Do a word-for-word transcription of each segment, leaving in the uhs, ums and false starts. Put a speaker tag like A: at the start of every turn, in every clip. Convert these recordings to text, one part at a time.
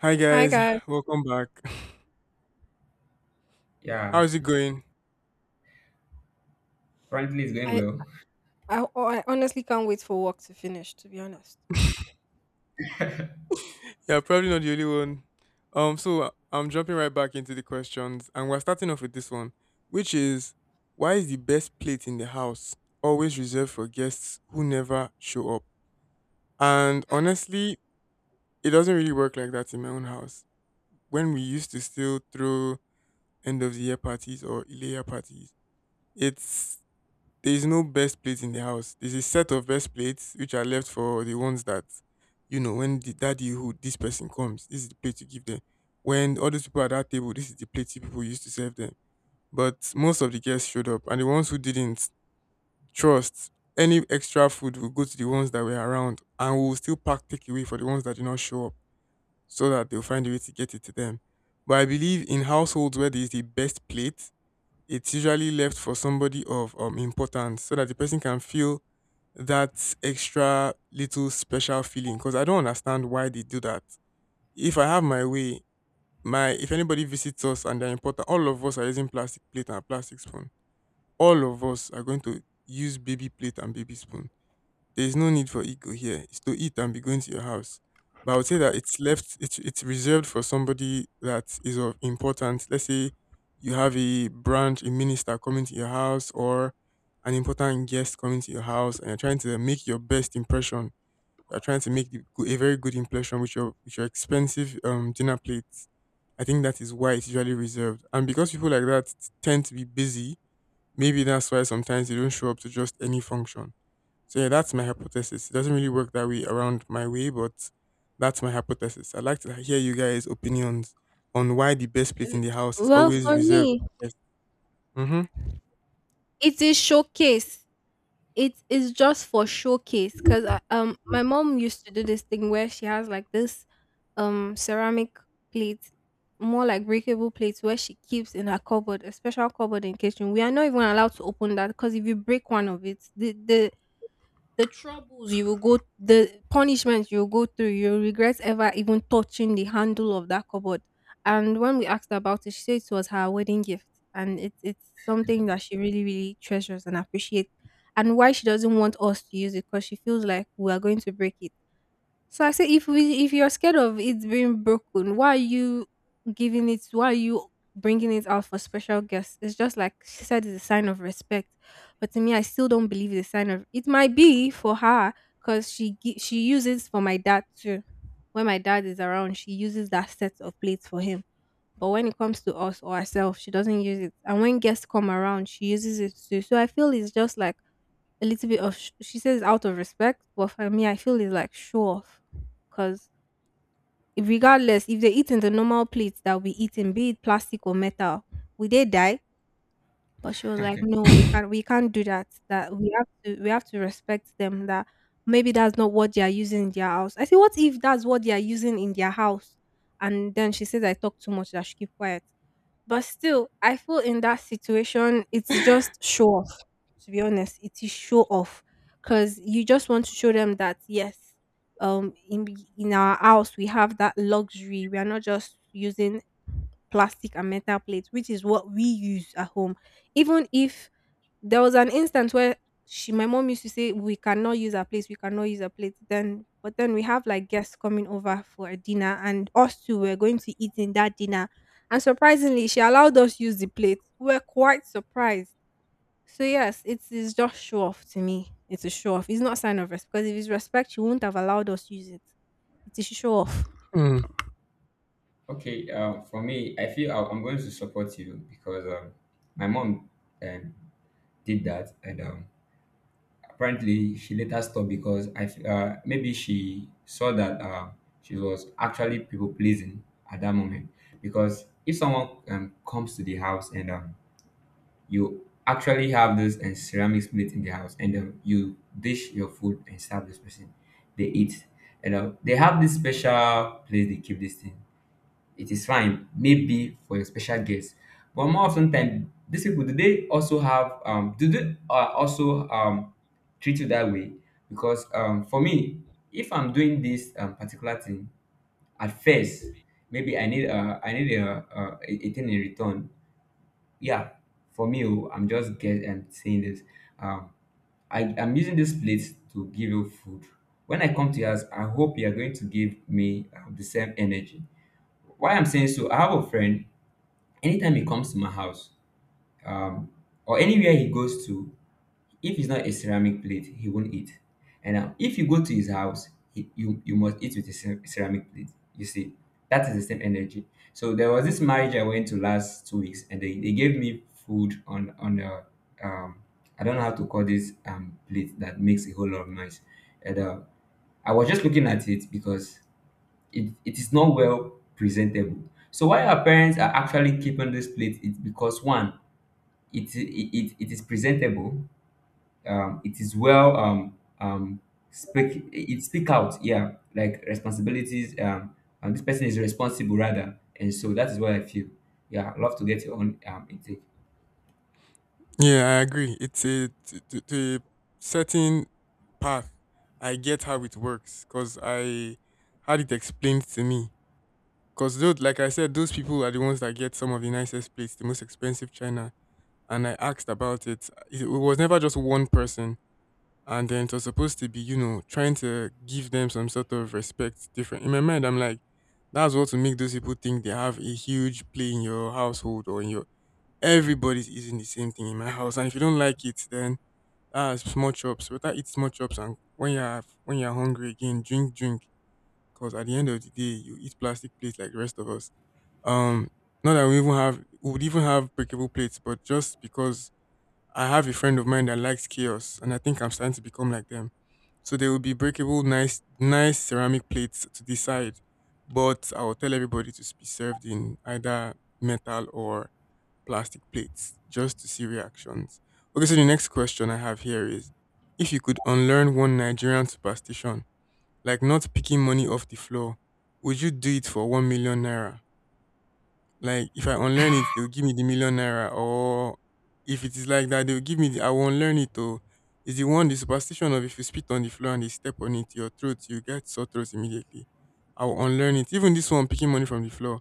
A: Hi
B: Hi
A: guys,
B: guys.
A: welcome back.
C: Yeah,
A: How is it going?
C: apparently it's going
B: I,
C: well.
B: I oh, I honestly can't wait for work to finish. To be honest.
A: Yeah, probably not the only one. Um, so uh, I'm jumping right back into the questions, and we're starting off with this one, which is why is the best plate in the house always reserved for guests who never show up? And honestly, it doesn't really work like that in my own house. When we used to still throw end of the year parties or Ilaya parties, it's there is no best plate in the house. There's a set of best plates which are left for the ones that, you know, when the daddy who this person comes, this is the plate you give them. When all those people at that table, this is the plate you people used to serve them. But most of the guests showed up, and the ones who didn't trust any extra food will go to the ones that were around, and we will still pack takeaway for the ones that did not show up, so that they'll find a way to get it to them. But I believe in households where there is the best plate, it's usually left for somebody of um importance so that the person can feel that extra little special feeling because I don't understand why they do that. If I have my way, my if anybody visits us and they're important, all of us are using plastic plate and plastic spoon. All of us are going to use baby plate and baby spoon there is no need for ego here. It's to eat and be going to your house. But I would say that it's left, it's, it's reserved for somebody that is of importance. Let's say you have a branch, a minister coming to your house, or an important guest coming to your house, and you're trying to make your best impression. You're trying to make the, go- a very good impression with your with your expensive um, dinner plates. I think that is why it's usually reserved. And because people like that tend to be busy, maybe that's why sometimes they don't show up to just any function so yeah, that's my hypothesis. It doesn't really work that way around my way, but that's my hypothesis. I'd like to hear you guys' opinions on why the best plate
B: L-
A: in the house is
B: Well,
A: always
B: for
A: reserved.
B: me,
A: Yes. Mm-hmm.
B: it is showcase. It is just for showcase because um my mom used to do this thing where she has like this um ceramic plate, more like breakable plates where she keeps in her cupboard, a special cupboard in kitchen. We are not even allowed to open that because if you break one of it, the the the troubles you will go the punishments you'll go through you'll regret ever even touching the handle of that cupboard and when we asked her about it she said it was her wedding gift and it's it's something that she really really treasures and appreciates and why she doesn't want us to use it because she feels like we are going to break it so I say if we if you're scared of it being broken, why are you giving it? Why are you bringing it out for special guests? It's just like she said, it's a sign of respect. But to me, I still don't believe it's a sign of. It might be for her because she gi- she uses for my dad too. When my dad is around, she uses that set of plates for him. But when it comes to us or herself, she doesn't use it. And when guests come around, she uses it too. So I feel it's just like a little bit of sh- she says out of respect, but for me, I feel it's like show off because regardless if they eat in the normal plates that we eat in, be it plastic or metal, we they die. But she was like, no, we can't, we can't do that. That we have to, we have to respect them. That maybe that's not what they are using in their house. I say, what if that's what they are using in their house? And then she says, I talk too much. That she keep quiet. But still, I feel in that situation, it's just show off. To be honest, it is show off because you just want to show them that yes, um, in b- in our house we have that luxury. We are not just using plastic and metal plates, which is what we use at home. Even if there was an instance where she my mom used to say, "We cannot use her plates, we cannot use her plates." Then but then we have like guests coming over for a dinner and us two were going to eat in that dinner. And surprisingly, she allowed us use the plate. We were quite surprised. So yes, it is just show off to me. It's a show off. It's not sign of respect because if it's respect, she wouldn't have allowed us use it. It is show off.
A: Hmm.
C: Okay, uh, for me, I feel I- I'm going to support you because um, my mom um, did that, and um, apparently she later stopped because I f- uh, maybe she saw that uh, she was actually people pleasing at that moment. Because if someone um, comes to the house and um, you actually have this and ceramic plate in the house, and um, you dish your food and serve this person, they eat, and um, they have this special place they keep this thing, it is fine, maybe for your special guest. But more often than these people, do they also have um do they uh, also um treat you that way? Because um for me, if I'm doing this um, particular thing at first, maybe I need uh I need a uh, a, a thing in return. Yeah, for me, oh, I'm just get and saying this. Um, I I'm using this plate to give you food. When I come to yours, I hope you are going to give me um, the same energy. Why I'm saying so, I have a friend. Anytime he comes to my house, um, or anywhere he goes to, if it's not a ceramic plate he won't eat. And um, if you go to his house, he, you you must eat with a cer- ceramic plate, you see, that is the same energy. So there was this marriage I went to last two weeks and they, they gave me food on on a um I don't know how to call this um plate that makes a whole lot of noise. And uh, I was just looking at it because it, it is not well presentable. So why our parents are actually keeping this plate is because one, it it, it, it is presentable, um, it is well um um speak it, speak out, yeah, like responsibilities, um and this person is responsible rather. And so that is what I feel. Yeah, I'd love to get your own um intake.
A: Yeah, I agree. It's a to, to, to a certain path. I get how it works because I had it explained to me. Because those, like I said, those people are the ones that get some of the nicest plates, the most expensive china. And I asked about it. It was never just one person. And then it was supposed to be, you know, trying to give them some sort of respect different. In my mind, I'm like, that's what to make those people think they have a huge play in your household or in your everybody's eating the same thing in my house. And if you don't like it, then that's small chops. Better eat small chops and when you're when you're hungry again, drink, drink. Because at the end of the day, you eat plastic plates like the rest of us. Um, not that we even have we would even have breakable plates, but just because I have a friend of mine that likes chaos, and I think I'm starting to become like them. So there will be breakable, nice, nice ceramic plates to decide, but I will tell everybody to be served in either metal or plastic plates just to see reactions. Okay, so the next question I have here is: if you could unlearn one Nigerian superstition, like not picking money off the floor, would you do it for one million naira? Like if I unlearn it, they'll give me the million naira. Or if it is like that, they'll give me the I will unlearn it or is the one the superstition of if you spit on the floor and they step on it, your throat, you get sore throat immediately. I will unlearn it. Even this one picking money from the floor.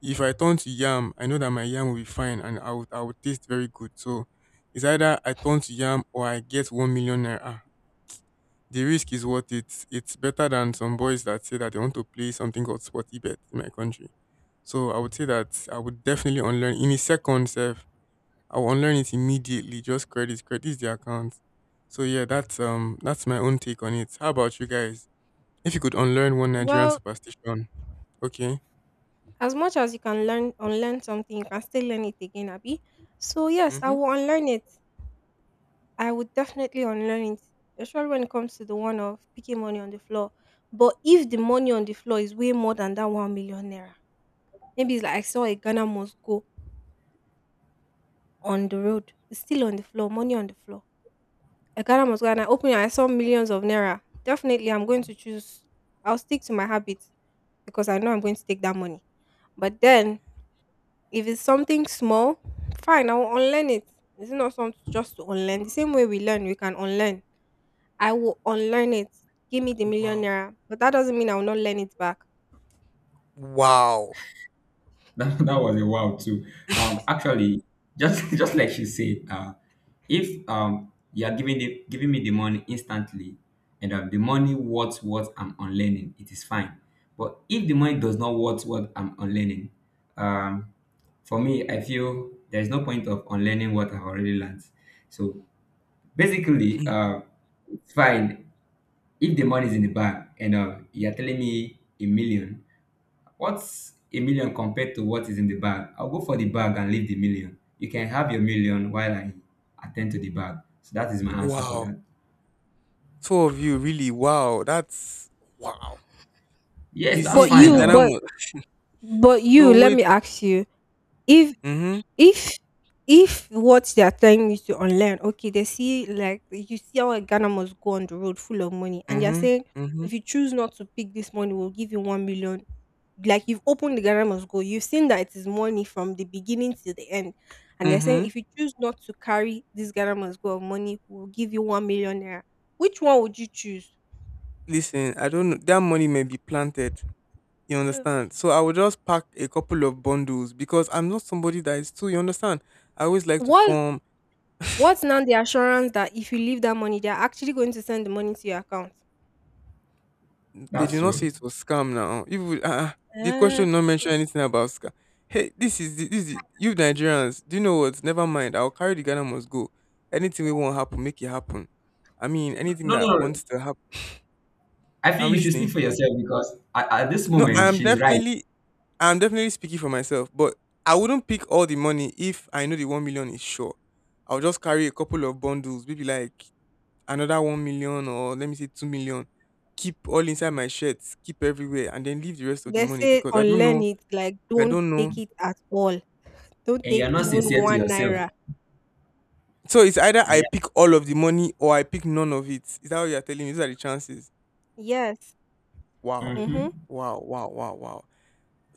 A: If I turn to yam, I know that my yam will be fine and I would I would taste very good. So it's either I turn to yam or I get one million naira. The risk is worth it. It's better than some boys that say that they want to play something called sporty bet in my country. So I would say that I would definitely unlearn in a second self. I will unlearn it immediately. Just credit, credit the account. So yeah, that's um that's my own take on it. How about you guys? If you could unlearn one Nigerian
B: Well,
A: superstition, okay.
B: as much as you can learn unlearn something, you can still learn it again, Abby. So yes, I
A: Mm-hmm.
B: will unlearn it. I would definitely unlearn it, especially when it comes to the one of picking money on the floor. But if the money on the floor is way more than that one million naira, maybe it's like I saw a Ghana must go on the road, it's still on the floor, money on the floor. A Ghana must go, and I open it, and I saw millions of naira. Definitely, I'm going to choose. I'll stick to my habits because I know I'm going to take that money. But then, if it's something small, fine, I will unlearn it. It's not something just to unlearn. The same way we learn, we can unlearn. I will unlearn it. Give me the million
A: Wow.
B: naira. But that doesn't mean I will not learn it back.
A: Wow.
C: That, that was a wow too. Um actually, just just like she said, uh if um you are giving the giving me the money instantly and um, the money worth what I'm unlearning, it is fine. But if the money does not worth what I'm unlearning, um for me I feel there's no point of unlearning what I've already learned. So basically, uh it's fine. If the money is in the bank and uh, you're telling me a million, what's a million compared to what is in the bag? I'll go for the bag and leave the million. You can have your million while I attend to the bag. So that is my answer for
A: Wow.
C: that.
A: Two of you, really. Wow. That's wow.
C: Yes,
A: You
C: that's
B: But
A: see, a
C: fine
B: you,
A: Ghana
C: now.
B: but
A: must.
B: but
A: No,
B: you, let
A: wait.
B: me ask you, if
A: Mm
B: if if what they are telling you to unlearn, okay, they see like you see how a Ghana must go on the road full of money, and they're
A: hmm.
B: saying
A: Mm hmm.
B: if you choose not to pick this money, we'll give you one million. Like you've opened the Ghana must go, you've seen that it is money from the beginning to the end, and they're
A: Mm-hmm.
B: saying if you choose not to carry this Ghana must go of money, we'll give you one million naira. Which one would you choose?
A: Listen, I don't know. That money may be planted. You
B: Yeah. Okay.
A: understand? So I will just pack a couple of bundles because I'm not somebody that is too. You understand? I always like to
B: What
A: form.
B: what's now the assurance that if you leave that money, they're actually going to send the money to your account?
A: They did
C: That's
A: not say
C: true.
A: it was scam now. Even uh, the
B: Uh,
A: question not
B: yeah.
A: mention anything about scam. Hey, this is the, this is the, you Nigerians. Do you know what? Never mind. I'll carry the Ghana must go. Anything we won't happen, make it happen. I mean,
C: No,
A: anything
C: no,
A: that
C: no.
A: wants to happen.
C: I
A: I'm
C: think you should speak
A: listening.
C: for yourself because at, at this
A: No,
C: moment
A: I'm
C: she's right,
A: definitely I'm definitely speaking for myself, but I wouldn't pick all the money if I know the one million is sure. I'll just carry a couple of bundles, maybe like another one million or let me say two million. Keep all inside my shirts, keep everywhere, and then leave the rest of the
B: They
A: money
B: say
A: because I don't
B: unlearn
A: know.
B: it, like
A: I
B: don't
A: don't know.
B: take it at all. Don't
C: and you're
B: take
C: not
B: even
C: sincere to
B: one
C: yourself.
B: naira.
A: So it's either
C: And
A: I
C: you,
A: pick all of the money or I pick none of it. Is that what you're telling me? These are the chances.
B: Yes.
A: Wow.
B: Mm-hmm.
C: mm-hmm.
A: Wow. Wow. Wow. Wow.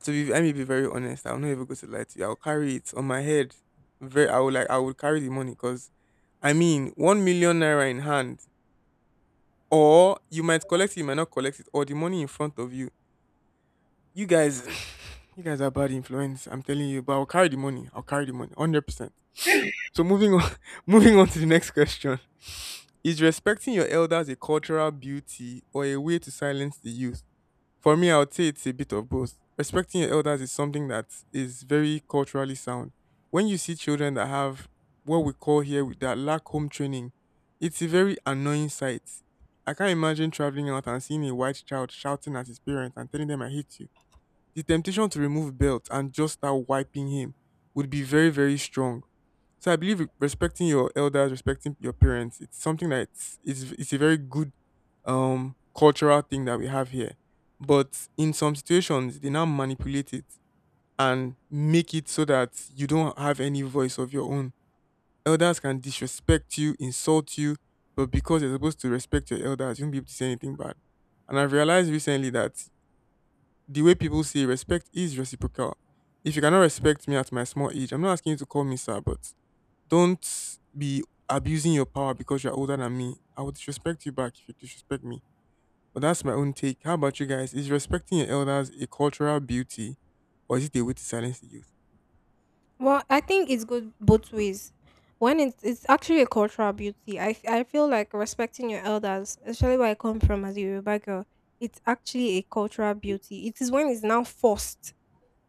A: To be, let me be very honest. I'll not even go to lie to you. I'll carry it on my head. Very, I will like, I would carry the money because, I mean, one million naira in hand, or you might collect it, you might not collect it, or the money in front of you. You guys, you guys are bad influence. I'm telling you. But I'll carry the money. I'll carry the money, hundred percent. So moving on, moving on to the next question. Is respecting your elders a cultural beauty or a way to silence the youth? For me, I would say it's a bit of both. Respecting your elders is something that is very culturally sound. When you see children that have what we call here with that lack home training, it's a very annoying sight. I can't imagine traveling out and seeing a white child shouting at his parents and telling them, I hate you. The temptation to remove belt and just start wiping him would be very, very strong. So I believe respecting your elders, respecting your parents, it's something that it's it's, it's a very good um cultural thing that we have here. But in some situations, they now manipulate it and make it so that you don't have any voice of your own. Elders can disrespect you, insult you, but because you're supposed to respect your elders, you won't be able to say anything bad. And I've realized recently that the way people say respect is reciprocal. If you cannot respect me at my small age, I'm not asking you to call me sir, but don't be abusing your power because you're older than me. I will disrespect you back if you disrespect me. But that's my own take. How about you guys? Is respecting your elders a cultural beauty or is it a way to silence the youth?
B: Well, I think it's good both ways. When it's it's actually a cultural beauty. I f- I feel like respecting your elders, especially where I come from as a Yoruba girl, it's actually a cultural beauty. It is when it's now forced.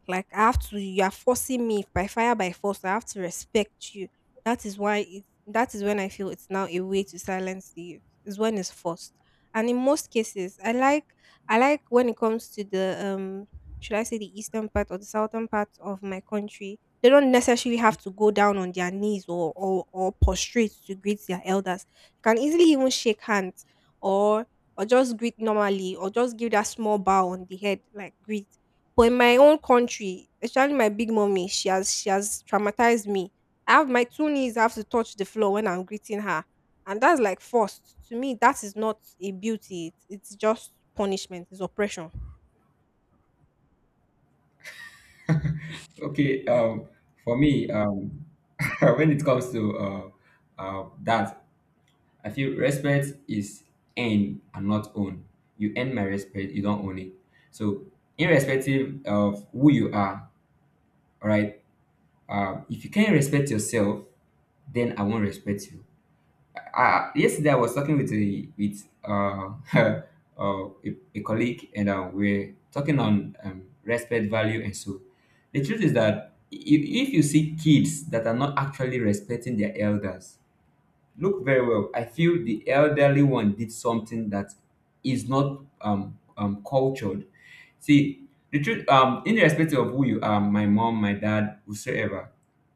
B: Like I have to you are forcing me by fire by force. I have to respect you. That is why it that is when I feel it's now a way to silence the youth. Is when it's forced. And in most cases, I like I like when it comes to the um should I say the eastern part or the southern part of my country, they don't necessarily have to go down on their knees or or, or prostrate to greet their elders. They can easily even shake hands or or just greet normally or just give that small bow on the head like greet but in my own country, especially my big mummy, she has she has traumatized me. I have my two knees have to touch the floor when I'm greeting her. And that's like forced. To me, that is not a beauty. It's, it's just punishment. It's oppression.
C: Okay, um, for me, um, when it comes to uh, uh, that, I feel respect is earned and not owned. You earn my respect, you don't own it. So, irrespective of who you are, all right, uh, if you can't respect yourself, then I won't respect you. Uh, yesterday, I was talking with a with uh, uh, a, a colleague, and uh, we're talking on um, respect, value, and so. The truth is that if, if you see kids that are not actually respecting their elders, look very well. I feel the elderly one did something that is not um, um cultured. See, the truth, um, irrespective of who you are, my mom, my dad, whosoever,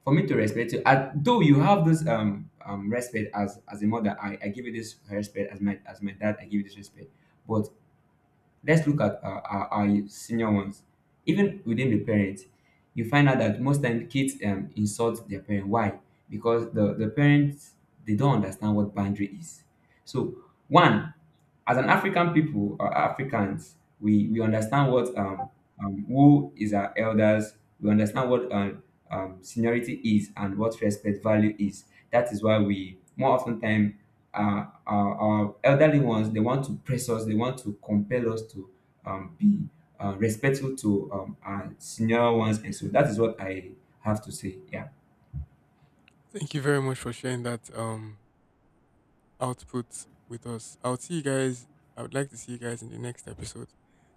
C: for me to respect you, I, though you have this um, um respect as as a mother, I, I give you this respect, as my as my dad, I give you this respect. But let's look at our, our, our senior ones. Even within the parents, you find out that most times kids um, insult their parent. Why? Because the, the parents, they don't understand what boundary is. So, one, as an African people or Africans, we, we understand what um, um, who is our elders. We understand what um, um, seniority is and what respect value is. That is why we more often time uh, our, our elderly ones they want to press us. They want to compel us to um, be uh, respectful to um, our senior ones, and so that is what I have to say. Yeah.
A: Thank you very much for sharing that um output with us. I'll see you guys. I would like to see you guys in the next episode.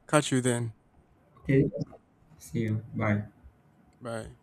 A: Catch you then.
C: Okay. See you. Bye.
A: Bye.